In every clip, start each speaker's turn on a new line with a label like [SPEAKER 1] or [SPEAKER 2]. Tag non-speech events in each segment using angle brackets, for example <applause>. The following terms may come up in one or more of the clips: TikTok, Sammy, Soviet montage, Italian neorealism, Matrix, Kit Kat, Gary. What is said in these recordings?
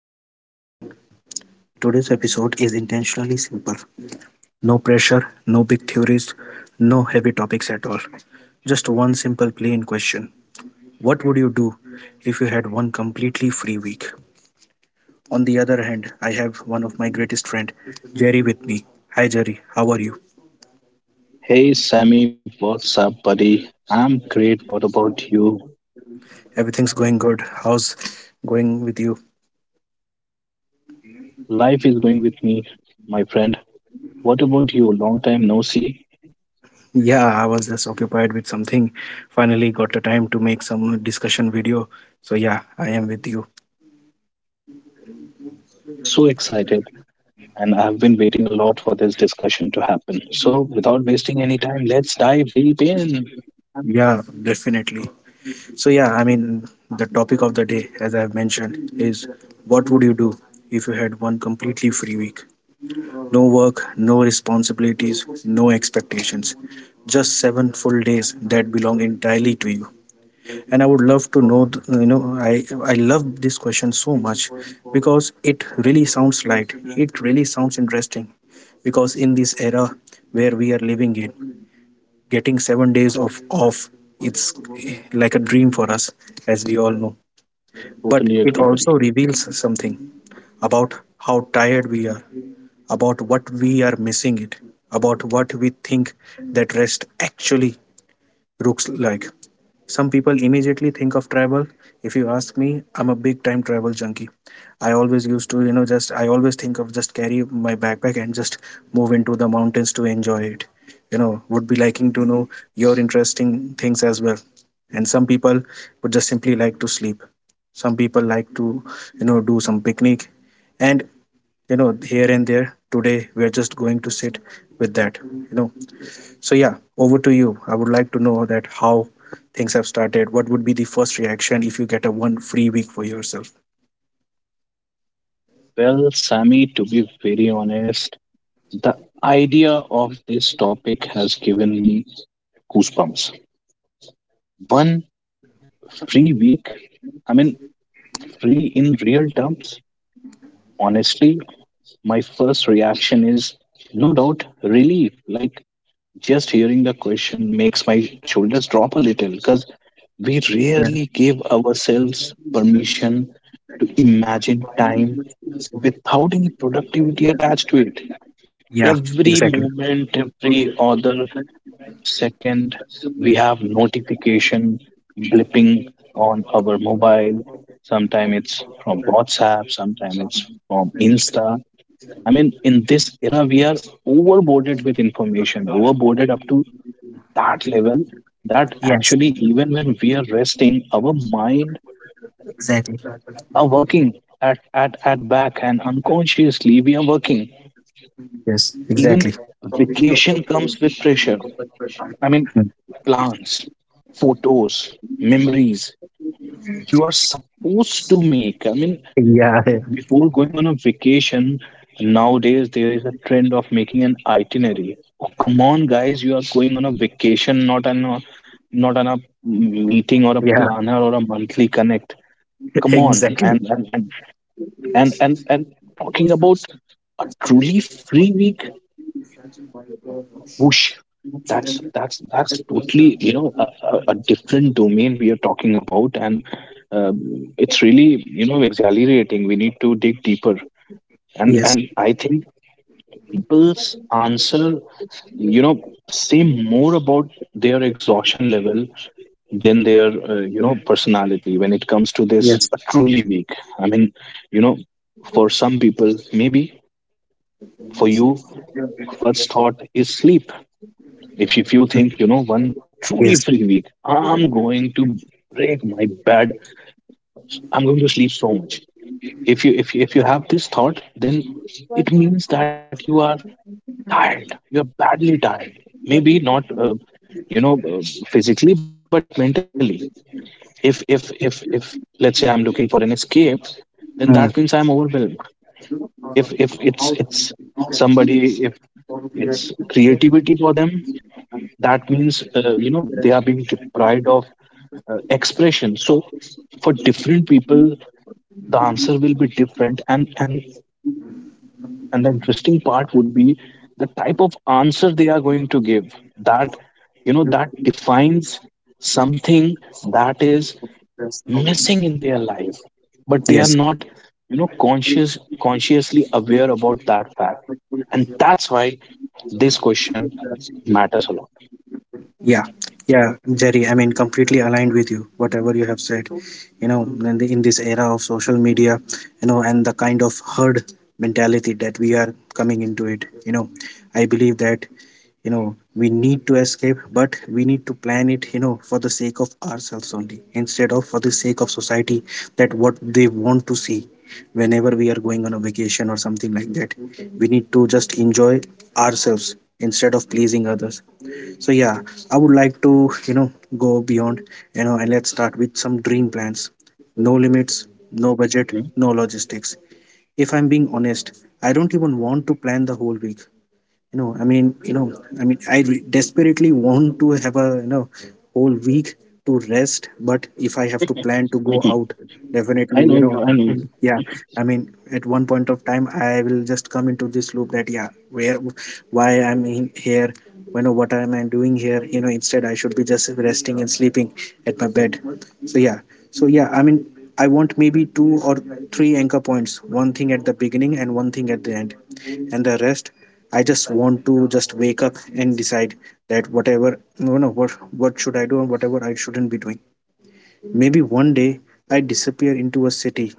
[SPEAKER 1] interesting discussion. Today's episode is intentionally simple. No pressure, no big theories, no heavy topics at all. Just one simple plain question. What would you do if you had one completely free week? On the other hand, I have one of my greatest friend, Jerry, with me. Hi, Jerry, how are you?
[SPEAKER 2] Hey Sammy, what's up, buddy? I'm great. What about you?
[SPEAKER 1] Everything's going good. How's going with you?
[SPEAKER 2] Life is going with me, my friend. What about you? Long time no see.
[SPEAKER 1] Yeah, I was just occupied with something. Finally got the time to make some discussion video. So yeah, I am with you.
[SPEAKER 2] Great. I'm so excited, and I've been waiting a lot for this discussion to happen. So, without wasting any time, let's dive deep in.
[SPEAKER 1] Yeah, definitely. So yeah, I mean the topic of the day, as I have mentioned, is what would you do if you had one completely free week? No work, no responsibilities, no expectations. Just 7 full days that belong entirely to you. And I would love to know. Th- you know i i love this question so much, because it really sounds light, it really sounds interesting, because in this era where we are living in, getting 7 days of off, it's like a dream for us, as we all know. But
[SPEAKER 2] Totally
[SPEAKER 1] it
[SPEAKER 2] agree,
[SPEAKER 1] also
[SPEAKER 2] buddy.
[SPEAKER 1] reveals something about how tired we are, about what we are missing it, about what we think that rest actually looks like. Some people immediately think of travel. If you ask me, I'm a big time travel junkie. I always used to, you know, just I always think of just carry my backpack and just move into the mountains to enjoy it. Would be liking to know your interesting things as well. And some people would just simply like to sleep. Some people like to, do some picnic. And, here and there, today we are just going to sit with that. So yeah, over to you. I would like to know that how things have started. What would be the first reaction if you get a one free week for yourself?
[SPEAKER 2] Well, Sammy, to be very honest, the idea of this topic has given me goosebumps. One
[SPEAKER 1] Yeah,
[SPEAKER 2] free week, I mean, free in real terms. Honestly, my first reaction is no doubt relief. Like just hearing the question makes my shoulders drop a little because we
[SPEAKER 1] yeah,
[SPEAKER 2] rarely give ourselves permission to imagine time without any productivity attached to it.
[SPEAKER 1] yeah,
[SPEAKER 2] Every
[SPEAKER 1] exactly.
[SPEAKER 2] moment, every other second, we have notification blipping on our mobile. Sometimes it's from WhatsApp, sometimes it's from Insta. I mean, in this era, we are overboarded with information, overboarded up to that level that
[SPEAKER 1] Yes,
[SPEAKER 2] actually, even when we are resting, our mind
[SPEAKER 1] exactly.
[SPEAKER 2] are working at back, and unconsciously we are working.
[SPEAKER 1] Yes,
[SPEAKER 2] Even
[SPEAKER 1] exactly.
[SPEAKER 2] vacation comes with pressure. I mean,
[SPEAKER 1] Hmm.
[SPEAKER 2] plans, photos, memories you are supposed to make. I mean,
[SPEAKER 1] Yeah,
[SPEAKER 2] before going on a vacation, nowadays there is a trend of making an itinerary. Oh, come on, guys, you are going on a vacation, not on a meeting or a
[SPEAKER 1] yeah,
[SPEAKER 2] planner or a monthly connect.
[SPEAKER 1] <laughs>
[SPEAKER 2] Come on,
[SPEAKER 1] exactly.
[SPEAKER 2] and talking about a truly free week, whoosh, that's totally a different domain we are talking about, and it's really exhilarating. We need to dig deeper, and
[SPEAKER 1] Yes,
[SPEAKER 2] and I think people's answer you know say more about their exhaustion level than their personality when it comes to this
[SPEAKER 1] yes,
[SPEAKER 2] truly weak. I mean, you know for some people, maybe for you, first thought is sleep. If you think one truly
[SPEAKER 1] yes.
[SPEAKER 2] free week, I'm going to break my bed, I'm going to sleep so much. If you have this thought, then it means that you are tired. You're badly tired. Maybe not, you know, uh, physically, but mentally. If let's say I'm looking for an escape, then that means
[SPEAKER 1] Hmm.
[SPEAKER 2] I'm overwhelmed. If if it's it's if it's creativity for them, that means they are being deprived of expression. So for different people, the answer will be different, and the interesting part would be the type of answer they are going to give. That defines something that is missing in their life. But they are
[SPEAKER 1] Yes.
[SPEAKER 2] not consciously aware about that fact. And that's why this question matters a lot.
[SPEAKER 1] Yeah, yeah, Jerry. I mean, completely aligned with you. Whatever you have said, in, in this era of social media, and the kind of herd mentality that we are coming into it, I believe that, we need to escape, but we need to plan it, for the sake of ourselves only, instead of for the sake of society. That what they want to see, whenever we are going on a vacation or something like that, we need to just enjoy ourselves instead of pleasing others. So yeah, I would like to, you know go beyond, and let's start with some dream plans. No limits, no
[SPEAKER 2] Mhm,
[SPEAKER 1] budget, no logistics. If I'm being honest, I don't even want to plan the whole week. You know i mean you know i mean I desperately want to have a whole week to rest. But if I have to plan to
[SPEAKER 2] mhm.
[SPEAKER 1] go out,
[SPEAKER 2] I know
[SPEAKER 1] definitely.
[SPEAKER 2] you. I know you.
[SPEAKER 1] <laughs> Yeah, I mean, at one point of time I will just come into this loop that, yeah, where why I'm in here. What am I doing here? Instead I should be just resting and sleeping at my bed. So yeah. So yeah, I mean, I want maybe two or three anchor points, one thing at the beginning and one
[SPEAKER 2] Hmm.
[SPEAKER 1] thing at the end. And the rest, I just want to just wake up and decide that whatever, no, what should I do and whatever I shouldn't be doing. Maybe one day I disappear into a city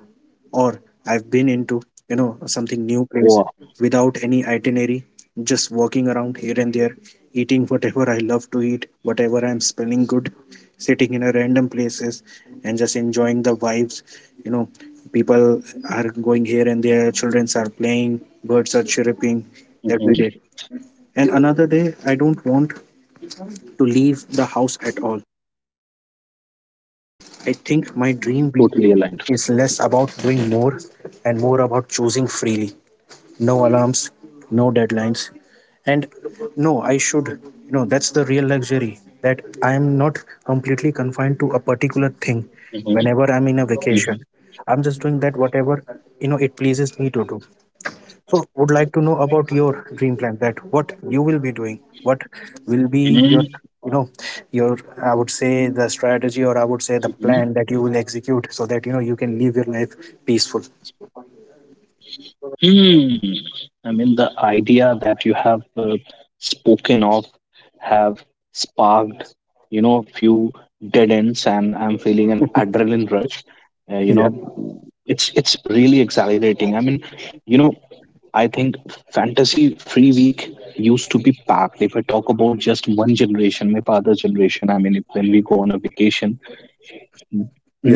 [SPEAKER 1] or I've been into something new
[SPEAKER 2] Wow.
[SPEAKER 1] place without any itinerary, just walking around here and there, eating whatever I love to eat, whatever I'm smelling good, sitting in a random places and just enjoying the vibes. You know, people are going here and there, childrens are playing, birds are chirping every
[SPEAKER 2] Hmm.
[SPEAKER 1] day. And another day, I don't want to leave the house at all. I think my dream
[SPEAKER 2] Totally aligned.
[SPEAKER 1] is less about doing more and more about choosing freely. No alarms, no deadlines. And no, I should, that's the real luxury that I am not completely confined to a particular thing
[SPEAKER 2] Hmm.
[SPEAKER 1] whenever I'm in a vacation. I'm just doing that whatever, it pleases me to do. So, would like to know about your dream plan. That what you will be doing. What will be
[SPEAKER 2] Hmm.
[SPEAKER 1] your, you know, your I would say the strategy or I would say the plan that you will execute so that you can live your life peaceful.
[SPEAKER 2] Hmm. I mean, the idea that you have spoken of have sparked, a few dead ends, and I'm feeling an adrenaline rush. Uh, you
[SPEAKER 1] Yeah.
[SPEAKER 2] know, it's really exhilarating. I mean, you know, I think fantasy free week used to be packed. If I talk about just one generation, my father's generation, I mean, if, when we go on a vacation,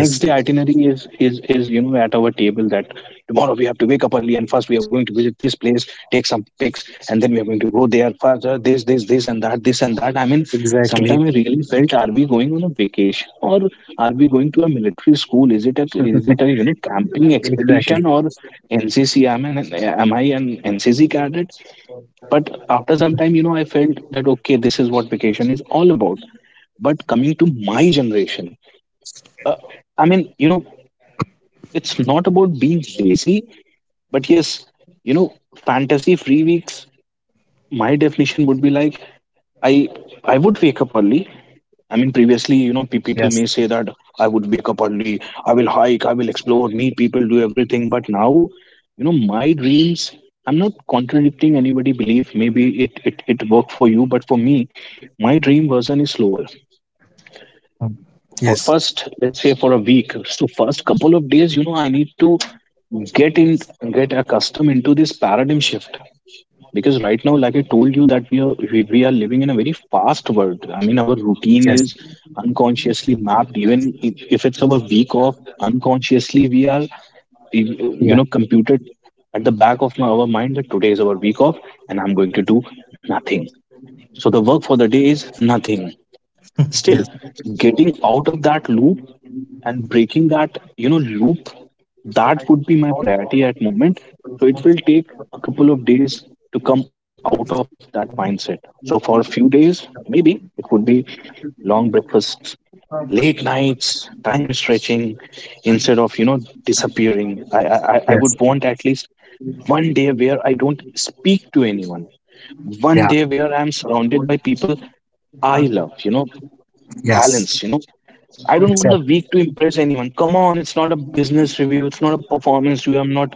[SPEAKER 2] next day itinerary is at our table that tomorrow we have to wake up early, and first we are going to visit this place, take some pics, and then we are going to go there further, this and that, this and that. I mean, sometimes
[SPEAKER 1] Exactly.
[SPEAKER 2] I really felt, are we going on a vacation, or are we going to a military school? Is it a camping expedition,
[SPEAKER 1] Exactly.
[SPEAKER 2] or NCC? I mean, am I an NCC cadet? But after some time, I felt that okay, this is what vacation is all about. But coming to my generation, uh, I mean, it's not about being lazy, but yes, fantasy free weeks, my definition would be like, I I would wake up early. I mean, previously, people
[SPEAKER 1] Yes.
[SPEAKER 2] may say that I would wake up early, I will hike, I will explore, meet people, do everything. But now, my dreams, I'm not contradicting anybody' belief. Maybe it worked for you, but for me, my dream version is slower.
[SPEAKER 1] Mm.
[SPEAKER 2] For
[SPEAKER 1] Yes.
[SPEAKER 2] first, let's say, for a week, so first couple of days, I need to get in get accustomed into this paradigm shift, because right now, like I told you, that we are living in a very fast world. I mean, our routine
[SPEAKER 1] Yes.
[SPEAKER 2] is unconsciously mapped. Even if it's our week off, unconsciously we are
[SPEAKER 1] Yeah.
[SPEAKER 2] computed at the back of our mind that today is our week off, and I'm going to do nothing. So the work for the day is nothing. Still,
[SPEAKER 1] Yes.
[SPEAKER 2] getting out of that loop and breaking that loop, that would be my priority at moment. So it will take a couple of days to come out of that mindset. So for a few days, maybe it would be long breakfasts, late nights, time stretching, instead of disappearing. I would
[SPEAKER 1] Yes.
[SPEAKER 2] want at least one day where I don't speak to anyone, one
[SPEAKER 1] Yeah.
[SPEAKER 2] day where I'm surrounded by people. I love, you know,
[SPEAKER 1] Yes.
[SPEAKER 2] balance, you know. I don't want the
[SPEAKER 1] Exactly.
[SPEAKER 2] week to impress anyone. Come on, it's not a business review, it's not a performance review. I'm not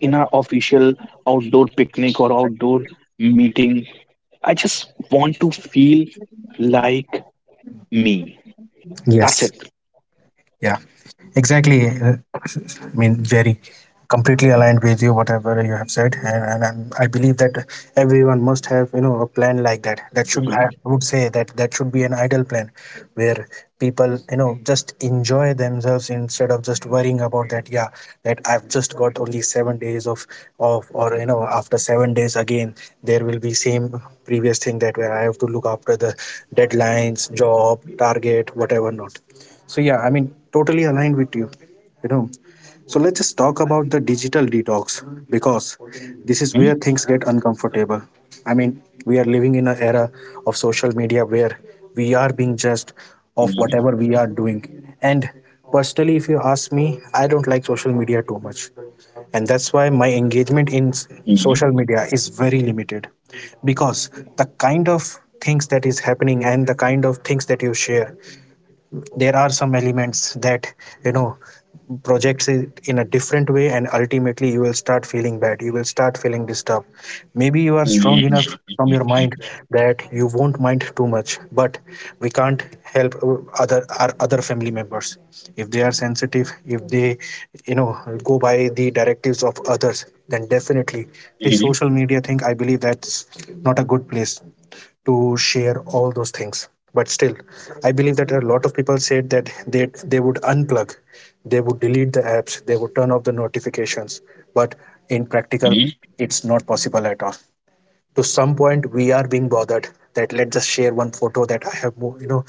[SPEAKER 2] in an official outdoor picnic or outdoor meeting. I just want to feel like me. That's
[SPEAKER 1] Yes.
[SPEAKER 2] it.
[SPEAKER 1] Yeah, exactly. I mean, very completely aligned with you, whatever you have said, and I believe that everyone must have a plan like that. That should I
[SPEAKER 2] Mhm.
[SPEAKER 1] would say that that should be an ideal plan, where people just enjoy themselves instead of just worrying about that. Yeah, that I've just got only 7 days of off, or after 7 days again there will be same previous thing that where I have to look after
[SPEAKER 2] Yep.
[SPEAKER 1] the deadlines, job, target, whatever not. So yeah, I mean, totally aligned with you. You know. So let's just talk about the digital detox because this is
[SPEAKER 2] Mhm.
[SPEAKER 1] where things get uncomfortable. I mean, we are living in an era of social media where we are being judged of
[SPEAKER 2] Mhm.
[SPEAKER 1] whatever we are doing. And personally, if you ask me, I don't like social media too much. And that's why my engagement in
[SPEAKER 2] Mhm.
[SPEAKER 1] social media is very limited, because the kind of things that is happening and the kind of things that you share, there are some elements
[SPEAKER 2] Mhm.
[SPEAKER 1] that you know projects it in a different way, and ultimately you will start feeling bad, you will start feeling disturbed. Maybe you are
[SPEAKER 2] Mhm.
[SPEAKER 1] strong enough from your mind that you won't mind too much. But we can't help other our other family members. If they are sensitive, if they you know go by the directives of others, then definitely
[SPEAKER 2] Mhm.
[SPEAKER 1] the social media thing, I believe that's not a good place to share all those things. But still, I believe that a lot of people said that they would unplug, they would delete the apps, they would turn off the notifications. But in
[SPEAKER 2] Mhm.
[SPEAKER 1] practical, it's not possible at all. To some point we are being bothered, that let's just share one photo that I have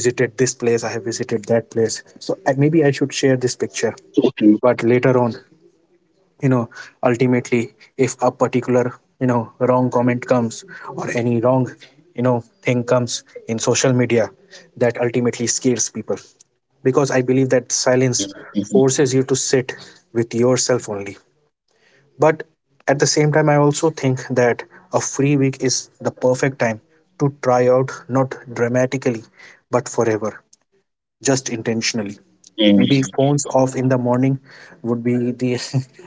[SPEAKER 1] visited this place, I have visited that place. So maybe I should share this picture.
[SPEAKER 2] So true.
[SPEAKER 1] But later on, you know ultimately if a particular wrong comment comes or any wrong thing comes in social media, that ultimately scares people, because I believe that silence
[SPEAKER 2] Mhm. Mhm.
[SPEAKER 1] forces you to sit with yourself only. But at the same time, I also think that a free week is the
[SPEAKER 2] Mhm.
[SPEAKER 1] perfect time to try out, not dramatically but forever, just intentionally.
[SPEAKER 2] Mhm.
[SPEAKER 1] Maybe phones off in the morning would be the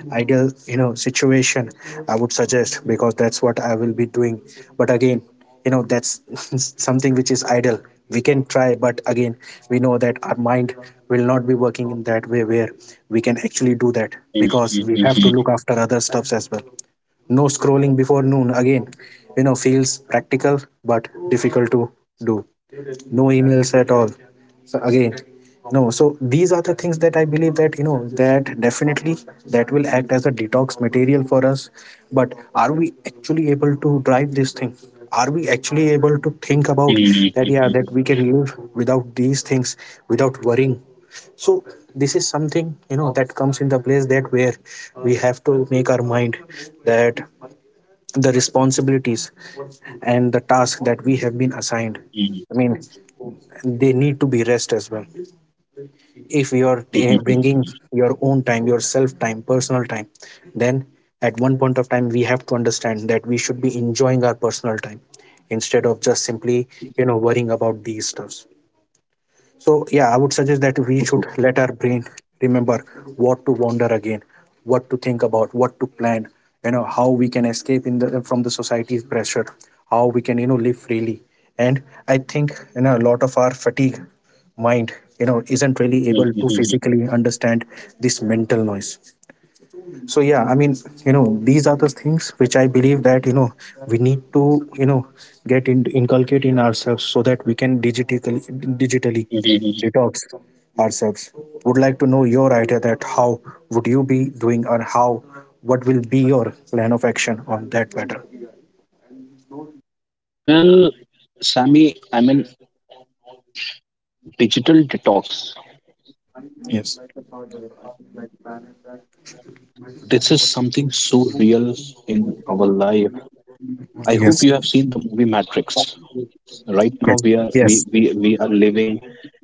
[SPEAKER 1] <laughs> ideal, situation I would suggest because that's what I will be doing. But again, that's <laughs> something which is ideal. We can try, but again, we know that our mind will not be working in that way where we can actually do that
[SPEAKER 2] Mhm.
[SPEAKER 1] because we have to
[SPEAKER 2] Mhm.
[SPEAKER 1] look after other stuffs as well. No scrolling
[SPEAKER 2] Right.
[SPEAKER 1] before noon again, feels practical but difficult to do. No emails at all.
[SPEAKER 2] So true.
[SPEAKER 1] So again, no. So these are the things that I believe that that definitely that will act as a detox material for us. But are we actually able to drive this thing? Are we actually able to think about
[SPEAKER 2] Mhm.
[SPEAKER 1] that, yeah,
[SPEAKER 2] Mhm.
[SPEAKER 1] that we can live without these things without worrying? So this is something that comes in the place that where we have to make our mind, that the responsibilities and the task that we have been assigned,
[SPEAKER 2] Mhm.
[SPEAKER 1] I mean, they need to be rest as well. If you are
[SPEAKER 2] Mhm. Mhm.
[SPEAKER 1] bringing your own time, your self time, personal time, then at one point of time we have to understand that we should be enjoying our personal time instead of just
[SPEAKER 2] So true.
[SPEAKER 1] simply worrying about these stuffs. So yeah, I would suggest that
[SPEAKER 2] So
[SPEAKER 1] we
[SPEAKER 2] true.
[SPEAKER 1] should let our brain remember what to wander again, what to think about, what to plan. You know how we can escape in the from the society's pressure, how we can live freely. And I think a lot of our fatigue mind isn't really
[SPEAKER 2] Mhm,
[SPEAKER 1] able to
[SPEAKER 2] mhm.
[SPEAKER 1] physically understand this mental noise. So yeah, I mean, you know these are the things which I believe that, we need to, you know inculcate in ourselves so that we can digitally
[SPEAKER 2] Mhm.
[SPEAKER 1] detox ourselves. Would like to know your idea, that how would you be doing, or how what will be your plan of action on that matter.
[SPEAKER 2] Well, Sammy, I mean, digital detox.
[SPEAKER 1] Yes,
[SPEAKER 2] This is something so real in our life. I hope you
[SPEAKER 1] yes,
[SPEAKER 2] have seen the movie Matrix. Right now,
[SPEAKER 1] yes,
[SPEAKER 2] we are we
[SPEAKER 1] yes.
[SPEAKER 2] we, we are living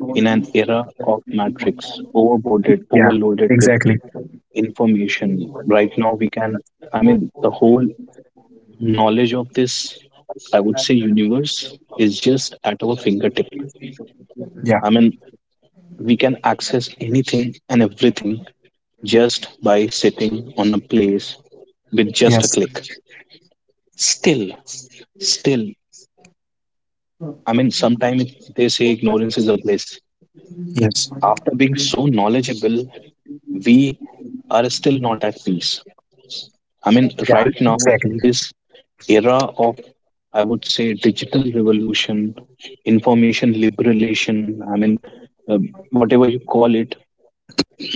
[SPEAKER 2] in an era of Matrix, overboarded,
[SPEAKER 1] Yeah,
[SPEAKER 2] overloaded with
[SPEAKER 1] exactly.
[SPEAKER 2] information. Right now, we can. I mean, the whole knowledge of this, I would say, universe is just at our fingertip.
[SPEAKER 1] Yeah.
[SPEAKER 2] I mean, we can access anything and everything just by sitting on a place with just a
[SPEAKER 1] Yes,
[SPEAKER 2] click. Still, still, I mean, sometimes they say ignorance is a bliss.
[SPEAKER 1] yes.
[SPEAKER 2] After being so knowledgeable, we are still not at peace. I mean,
[SPEAKER 1] Yeah,
[SPEAKER 2] right now
[SPEAKER 1] exactly.
[SPEAKER 2] in this era of, I would say, digital revolution, information liberation, I mean, whatever you call it,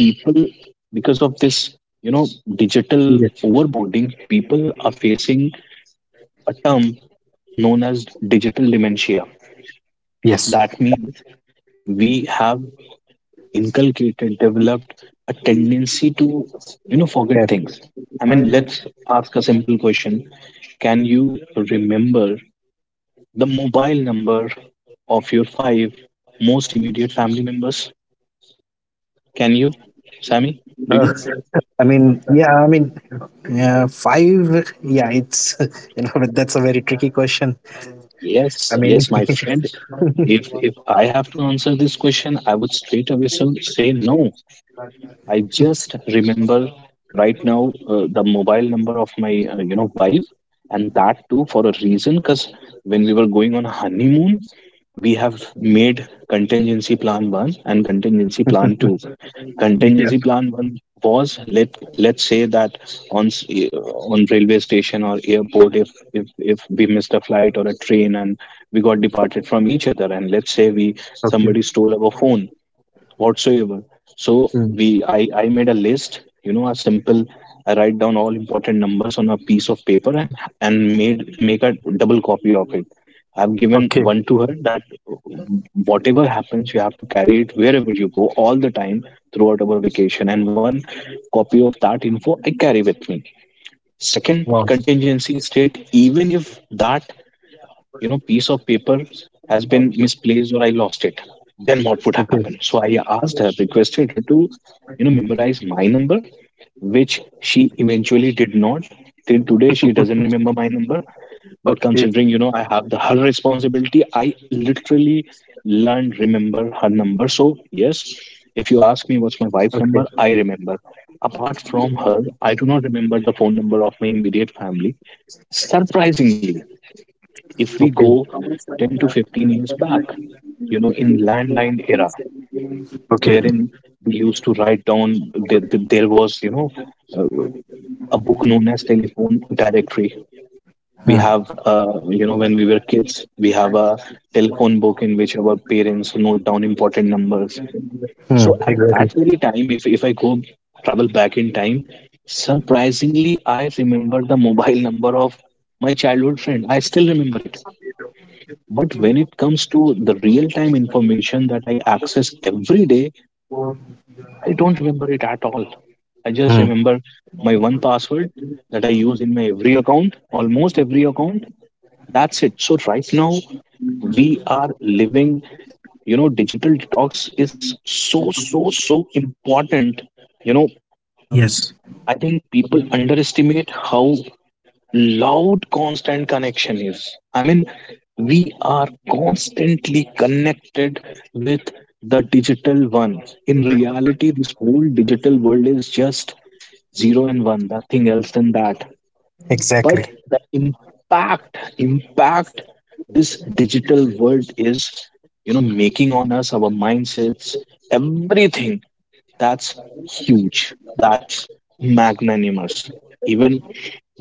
[SPEAKER 2] people, because of this, you know, digital overboarding, people are facing a term known as digital dementia.
[SPEAKER 1] Yes.
[SPEAKER 2] That means we have inculcated, developed a tendency to, forget
[SPEAKER 1] Yes.
[SPEAKER 2] things. I mean, let's ask a simple question. Can you remember the mobile number of your five most immediate family members? Can you, Sammy? Do
[SPEAKER 1] Uh,
[SPEAKER 2] you?
[SPEAKER 1] I mean, yeah, five. Yeah, it's, <laughs> but that's a very tricky question.
[SPEAKER 2] Yes,
[SPEAKER 1] I mean,
[SPEAKER 2] yes, my
[SPEAKER 1] <laughs>
[SPEAKER 2] friend. If I have to answer this question, I would straight away say no. I just remember right now, the mobile number of my wife, and that too for a reason. Because when we were going on a honeymoon, we have made contingency plan one and contingency plan two.
[SPEAKER 1] Yeah.
[SPEAKER 2] Contingency plan one was, let's say that on s- uh, on railway station or airport, if we missed a flight or a train, and we got departed from each other, and let's say we
[SPEAKER 1] Okay.
[SPEAKER 2] somebody stole our phone whatsoever. So
[SPEAKER 1] Mm.
[SPEAKER 2] we I made a list, a simple, I write down all important numbers on a piece of paper, and made make a double copy of it. I've given
[SPEAKER 1] Okay.
[SPEAKER 2] one to her that whatever happens, you have to carry it wherever you go all the time throughout our vacation, and one copy of that info I carry with me. Second contingency state, even if that piece of paper has been misplaced, or I lost it, then what would happen? So I asked her requested her to memorize my number, which she eventually did not. Till today she doesn't remember my number. But considering, I have the her responsibility, I literally learned remember her number. So yes, if you ask me, what's my wife's
[SPEAKER 1] Okay.
[SPEAKER 2] number? I remember. Apart from her, I do not remember the phone number of my immediate family. Surprisingly, if we go
[SPEAKER 1] Okay.
[SPEAKER 2] 10 to 15 years back, in landline era,
[SPEAKER 1] Okay.
[SPEAKER 2] wherein we used to write down, there, there was uh, a book known as telephone directory. We
[SPEAKER 1] Hmm.
[SPEAKER 2] have when we were kids, we have a telephone book in which our parents note down important numbers.
[SPEAKER 1] Hmm.
[SPEAKER 2] So at
[SPEAKER 1] Exactly.
[SPEAKER 2] that very time, if I go travel back in time, surprisingly I remember the mobile <laughs> number of my childhood friend. I still remember it. But when it comes to the real time information that I access every day, I don't remember it at all. I just
[SPEAKER 1] Hmm.
[SPEAKER 2] remember my one password that I use in my every account, almost every account. That's it. So right now we are living, digital detox is so, so, so important. You know,
[SPEAKER 1] Yes.
[SPEAKER 2] I think people underestimate how loud constant connection is. I mean, we are constantly connected with the digital one. In reality, this whole digital world is just zero and one, nothing else than that. But
[SPEAKER 1] Exactly.
[SPEAKER 2] the impact this digital world is, making on us, our mindsets, everything, that's huge, that's magnanimous. Even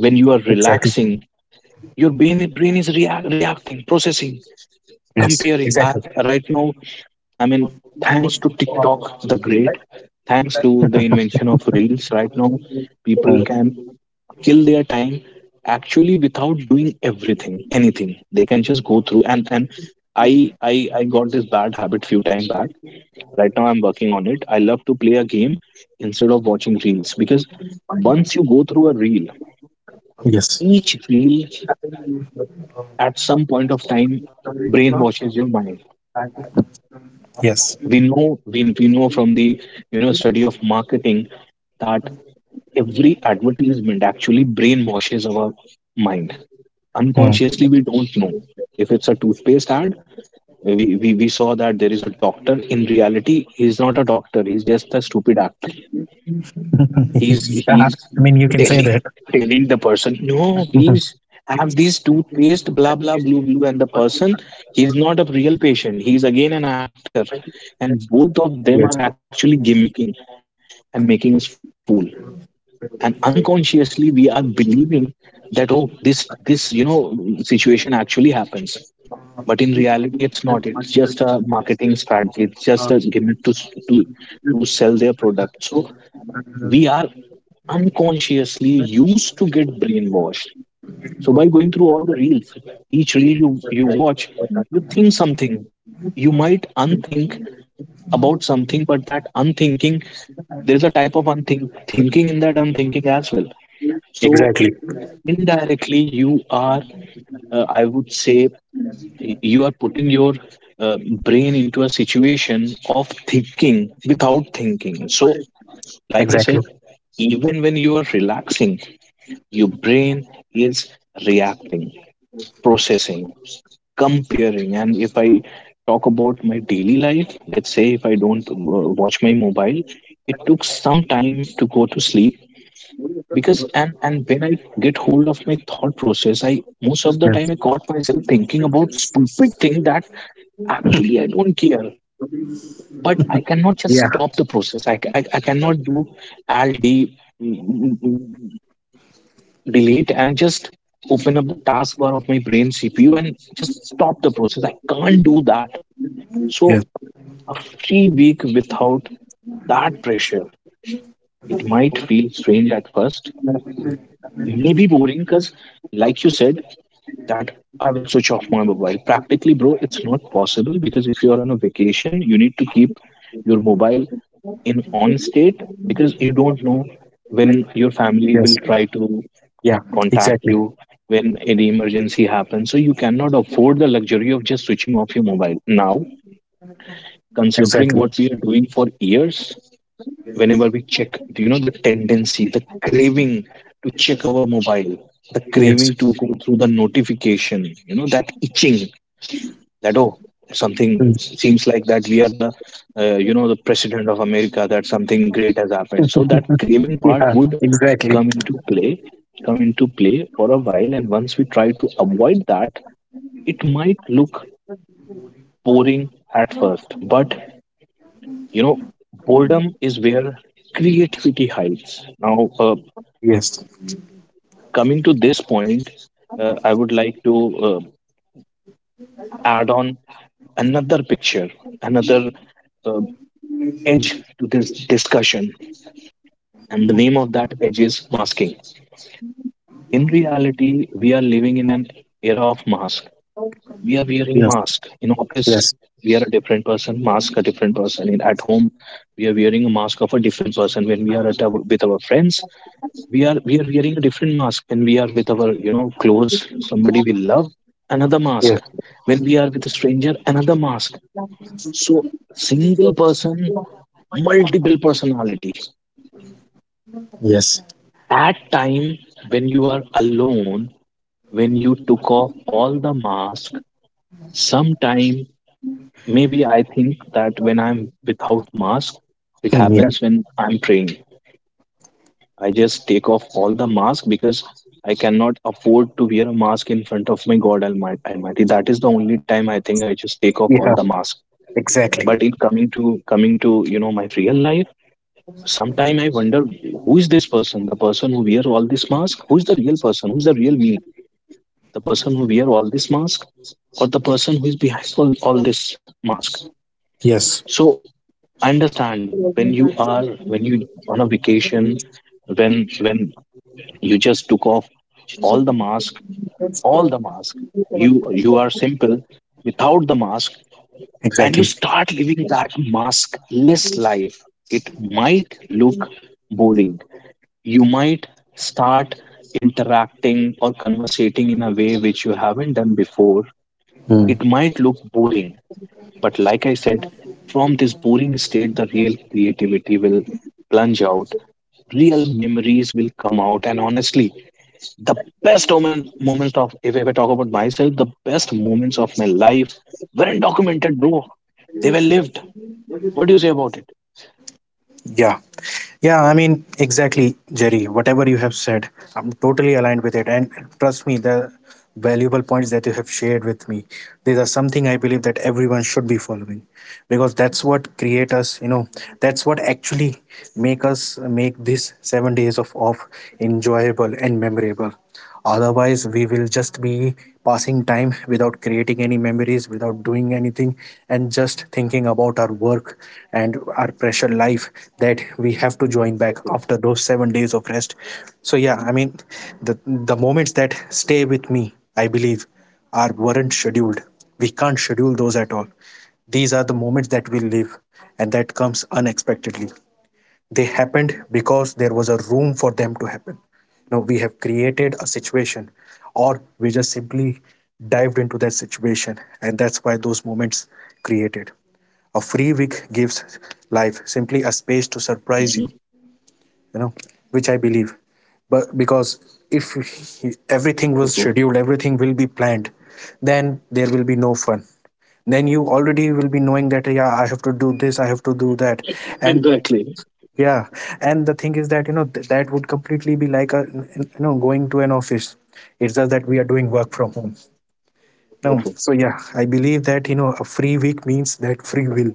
[SPEAKER 2] when you are
[SPEAKER 1] Exactly.
[SPEAKER 2] relaxing, your brain is reacting, processing,
[SPEAKER 1] Yes.
[SPEAKER 2] comparing.
[SPEAKER 1] Exactly.
[SPEAKER 2] Right now, I mean, thanks to TikTok the great, thanks to the invention of reels, right now people
[SPEAKER 1] Hmm.
[SPEAKER 2] can kill their time actually without doing everything anything. They can just go through, and I got this bad habit few time back. Right now I'm working on it. I love to play a game instead of watching reels, because once you go through a reel,
[SPEAKER 1] Yes.
[SPEAKER 2] each reel, at some point of time, brainwashes your mind.
[SPEAKER 1] Yes.
[SPEAKER 2] We know from the, study of marketing that every advertisement actually brainwashes our mind.
[SPEAKER 1] Hmm.
[SPEAKER 2] Unconsciously, we don't know. If it's a toothpaste ad, we saw that there is a doctor. In reality, he's not a doctor, he's just a stupid actor.
[SPEAKER 1] <laughs>
[SPEAKER 2] he's
[SPEAKER 1] Yeah.
[SPEAKER 2] he's
[SPEAKER 1] I mean, you can say
[SPEAKER 2] telling
[SPEAKER 1] that.
[SPEAKER 2] telling the person, "No,
[SPEAKER 1] <laughs>
[SPEAKER 2] please,
[SPEAKER 1] Mhm.
[SPEAKER 2] have this toothpaste, blah blah, blue blue," and the person, he's not a real patient, he's again an actor, and both of them are
[SPEAKER 1] Yes.
[SPEAKER 2] actually gimmicking and making us fool. And unconsciously, we are believing that, oh, this, situation actually happens. But in reality, it's not. It's just a marketing strategy, it's just a gimmick to to sell their product. So we are unconsciously used to get brainwashed. So by going through all the reels, each reel you watch, you think something. You might unthink about something, but that unthinking, there is a type of unthink thinking in that unthinking as well. So
[SPEAKER 1] Exactly.
[SPEAKER 2] indirectly, you are, I would say, you are putting your uh, brain into a situation of thinking without thinking. So like I said,
[SPEAKER 1] Exactly.
[SPEAKER 2] even when you are relaxing, your brain is reacting, processing, comparing. And if I talk about my daily life, let's say if I don't watch my mobile, it took some time to go to sleep because, and when I get hold of my thought process, I most of the time I
[SPEAKER 1] Yes.
[SPEAKER 2] caught myself thinking about stupid thing that actually I don't care, but I cannot just
[SPEAKER 1] Yeah.
[SPEAKER 2] stop the process. I cannot do all day delete and just open up the taskbar of my brain CPU and just stop the process. I can't do that. So
[SPEAKER 1] Yes.
[SPEAKER 2] a free week without that pressure, it might feel strange at first, maybe boring because, like you said, that I will switch off my mobile. Practically, bro, it's not possible, because if you're on a vacation, you need to keep your mobile in on state, because you don't know when your family will
[SPEAKER 1] Yes.
[SPEAKER 2] try to
[SPEAKER 1] Yeah.
[SPEAKER 2] contact
[SPEAKER 1] Exactly.
[SPEAKER 2] you, when any emergency happens. So you cannot afford the luxury of just switching off your mobile. Now, considering
[SPEAKER 1] Exactly.
[SPEAKER 2] what we are doing for years, whenever we check, do you know the tendency, the craving to check our mobile, the
[SPEAKER 1] Yes.
[SPEAKER 2] craving to go through the notification, that itching that, oh, something
[SPEAKER 1] Hmm.
[SPEAKER 2] seems like that we are the you know, the president of America, that something great has happened. So that craving part
[SPEAKER 1] Yeah,
[SPEAKER 2] would
[SPEAKER 1] exactly.
[SPEAKER 2] come into play come into play for a while, and once we try to avoid that, it might look boring at first, but you know, boredom is where creativity hides. Now,
[SPEAKER 1] Yes,
[SPEAKER 2] coming to this point, I would like to, uh, add on another picture, another, uh, edge to this discussion, and the name of that edge is masking. In reality, we are living in an era of mask. We are wearing
[SPEAKER 1] yes,
[SPEAKER 2] mask in office.
[SPEAKER 1] yes,
[SPEAKER 2] We are a different person. Mask a different person. In at home, we are wearing a mask of a different person. When we are at our, with our friends, we are wearing a different mask. When we are with our, you know, close somebody we love, another mask.
[SPEAKER 1] yes,
[SPEAKER 2] When we are with a stranger, another mask. So single person, multiple personality.
[SPEAKER 1] yes.
[SPEAKER 2] That time when you are alone, when you took off all the mask, sometime maybe I think that when I'm without mask, it
[SPEAKER 1] Hmm. Yeah,
[SPEAKER 2] happens when I'm praying. I just take off all the mask, because I cannot afford to wear a mask in front of my God Almighty. That is the only time I think I just take off all
[SPEAKER 1] yeah,
[SPEAKER 2] the mask.
[SPEAKER 1] exactly.
[SPEAKER 2] But in coming to, you know, my real life, sometime I wonder who is this person, the person who wear all this mask, who is the real person, who is the real me, the person who wear all this mask or the person who is behind all this mask.
[SPEAKER 1] Yes,
[SPEAKER 2] So I understand when you are, when you on a vacation when when you just took off all the mask, all the mask, you you are simple without the mask, and you
[SPEAKER 1] exactly.
[SPEAKER 2] start living that maskless life. It might look boring. You might start interacting or conversating in a way which you haven't done before.
[SPEAKER 1] Hmm.
[SPEAKER 2] It might look boring, but like I said, from this boring state, the real creativity will plunge out, real memories will come out, and honestly, the moments of, if I ever talk about myself, the best moments of my life weren't documented, bro. They were lived. What do you say about it?
[SPEAKER 1] Yeah, yeah. I mean, exactly, Jerry. Whatever you have said, I'm totally aligned with it. And trust me, the valuable points that you have shared with me, these are something I believe that everyone should be following, because that's what create us. That's what actually make us make this 7 days of off enjoyable and memorable. Otherwise, we will just be passing time without creating any memories, without doing anything, and just thinking about our work and our pressure life that we have to join back
[SPEAKER 2] So true.
[SPEAKER 1] after those 7 days of rest. So yeah, I mean, the moments that stay with me, I believe, are weren't scheduled. We can't schedule those at all. These are the moments that we live, and that comes unexpectedly. They happened because there was a room for them to happen. We have created a situation, or we just simply dived into that situation, and that's why those moments created. A free week gives life simply a space to surprise you,
[SPEAKER 2] Hmm.
[SPEAKER 1] you know, which I believe. But because if
[SPEAKER 2] So true,
[SPEAKER 1] everything
[SPEAKER 2] buddy, so
[SPEAKER 1] was
[SPEAKER 2] true.
[SPEAKER 1] scheduled, everything will be planned, then there will be no fun. Then you already will be knowing that, yeah, I have to do this, I have to do that. And
[SPEAKER 2] Exactly.
[SPEAKER 1] yeah, and the thing is that that would completely be like a going to an office. It's just that we are doing work from home.
[SPEAKER 2] So
[SPEAKER 1] No,
[SPEAKER 2] true,
[SPEAKER 1] so yeah, I believe that a free week means that free will,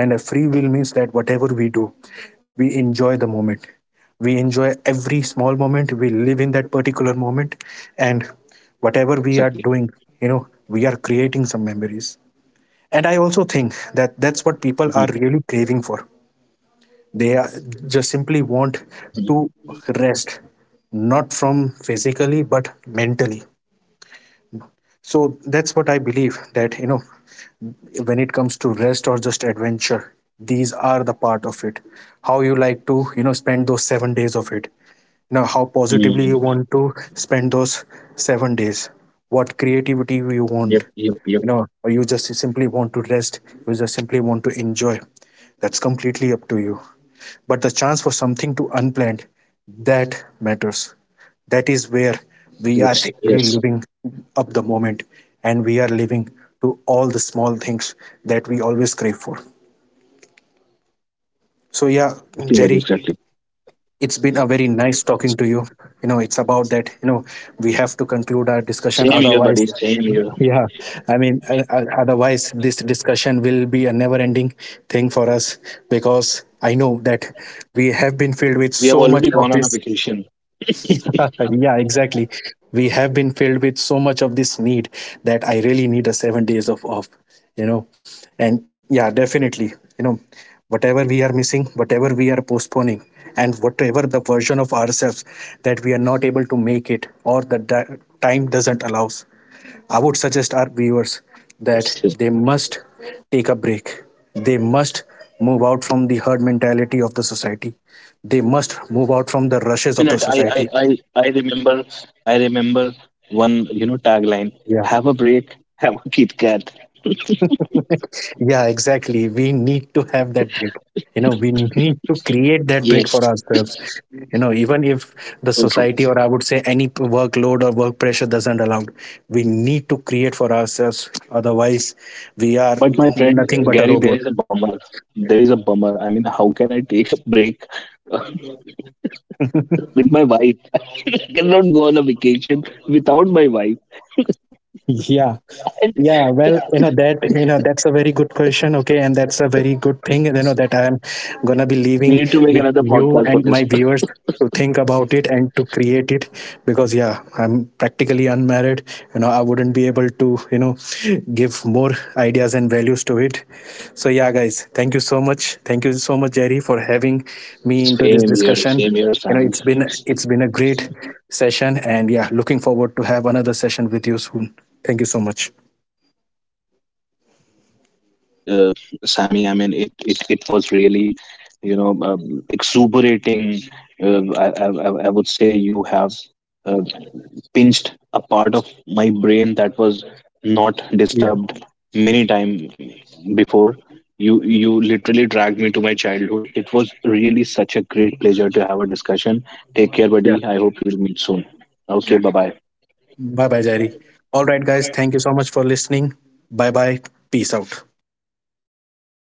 [SPEAKER 1] and a free will means that whatever we do, we enjoy the moment. We enjoy every small moment. We live in that particular moment, and whatever we are
[SPEAKER 2] exactly.
[SPEAKER 1] doing, we are creating some memories. And I also think that that's what people are
[SPEAKER 2] Hmm.
[SPEAKER 1] really craving for. They are just simply want to
[SPEAKER 2] Hmm.
[SPEAKER 1] rest, not from physically but mentally. So that's what I
[SPEAKER 2] Yep, yep.
[SPEAKER 1] believe that, when it comes to rest or just adventure, these are the part of it. How you like to spend those 7 days of it. You know how positively you
[SPEAKER 2] Mm.
[SPEAKER 1] want to spend those 7 days. What creativity you want,
[SPEAKER 2] Yep, yep, yep.
[SPEAKER 1] or you just simply want to rest, you just simply want to enjoy. That's completely up to you, but the chance for something to unplanned, that matters. That is where we are
[SPEAKER 2] Yes,
[SPEAKER 1] actually
[SPEAKER 2] yes.
[SPEAKER 1] living up the moment, and we are living to all the small things that we always crave for. So yeah,
[SPEAKER 2] Exactly, buddy,
[SPEAKER 1] Jerry,
[SPEAKER 2] exactly.
[SPEAKER 1] it's been a very nice talking to you. You know it's about that, we have to conclude our discussion,
[SPEAKER 2] Same here,
[SPEAKER 1] otherwise
[SPEAKER 2] buddy. Same here.
[SPEAKER 1] yeah, I mean, otherwise this discussion will be a never ending thing for us, because I know that we have been filled with
[SPEAKER 2] We
[SPEAKER 1] so
[SPEAKER 2] have
[SPEAKER 1] much
[SPEAKER 2] already
[SPEAKER 1] of
[SPEAKER 2] gone on
[SPEAKER 1] this.
[SPEAKER 2] a vacation.
[SPEAKER 1] <laughs> Yeah, exactly. We have been filled with so much of this need that I really need a 7 days of off, you know. And yeah, definitely, whatever we are missing, whatever we are postponing, and whatever the version of ourselves that we are not able to make it, or the time doesn't allow,
[SPEAKER 2] Mhm, mhm,
[SPEAKER 1] I would
[SPEAKER 2] mhm.
[SPEAKER 1] suggest our viewers that they must take a break. They must move out from the herd mentality of the society. They must move
[SPEAKER 2] Just,
[SPEAKER 1] out from
[SPEAKER 2] just
[SPEAKER 1] the
[SPEAKER 2] 1 minute.
[SPEAKER 1] rushes of
[SPEAKER 2] I,
[SPEAKER 1] the
[SPEAKER 2] I,
[SPEAKER 1] society.
[SPEAKER 2] I, I remember. I remember one. You know, tagline: "Have
[SPEAKER 1] Yeah.
[SPEAKER 2] a break, have a Kit Kat."
[SPEAKER 1] <laughs> Yeah, exactly. We need to have that break. We need to create that break
[SPEAKER 2] Yes,
[SPEAKER 1] for ourselves. Even if the
[SPEAKER 2] so true.
[SPEAKER 1] society, or I would say any workload or work pressure doesn't allow, we need to create for ourselves. Otherwise, we are
[SPEAKER 2] But my friend,
[SPEAKER 1] nothing but a
[SPEAKER 2] Gary, there is
[SPEAKER 1] robot.
[SPEAKER 2] a bummer. There is a bummer. I mean, how can I take a break with my wife? I cannot go on a vacation without my wife.
[SPEAKER 1] Yeah. Yeah, well, you know that's a very good question. Okay, and that's a very good thing, that I am gonna be
[SPEAKER 2] We
[SPEAKER 1] leaving
[SPEAKER 2] need to make
[SPEAKER 1] with
[SPEAKER 2] another
[SPEAKER 1] you
[SPEAKER 2] podcast for
[SPEAKER 1] and
[SPEAKER 2] this.
[SPEAKER 1] my
[SPEAKER 2] <laughs>
[SPEAKER 1] viewers to think about it and to create it, because yeah, I'm practically unmarried. I wouldn't be able to, <laughs> give more ideas and values to it. So yeah, guys, thank you so much. Thank you so much, Jerry, for having me into this
[SPEAKER 2] Same here.
[SPEAKER 1] discussion.
[SPEAKER 2] Same here,
[SPEAKER 1] you know
[SPEAKER 2] Sammy.
[SPEAKER 1] it's been a great session, and yeah, looking forward to have another session with you soon. Thank you so much.
[SPEAKER 2] Exactly, exactly, Sammy. I mean, it was really, you know, exuberating. I would say you have, uh, pinched a part of my brain that was not
[SPEAKER 1] Yeah,
[SPEAKER 2] disturbed many time before. You literally dragged me to my childhood. It was really such a great pleasure to have a discussion. Take care,
[SPEAKER 1] yeah,
[SPEAKER 2] buddy. I hope we will meet soon. Okay,
[SPEAKER 1] yeah.
[SPEAKER 2] bye bye.
[SPEAKER 1] Bye bye, Jerry. All right, guys. Thank you so much for listening. Bye bye. Peace out.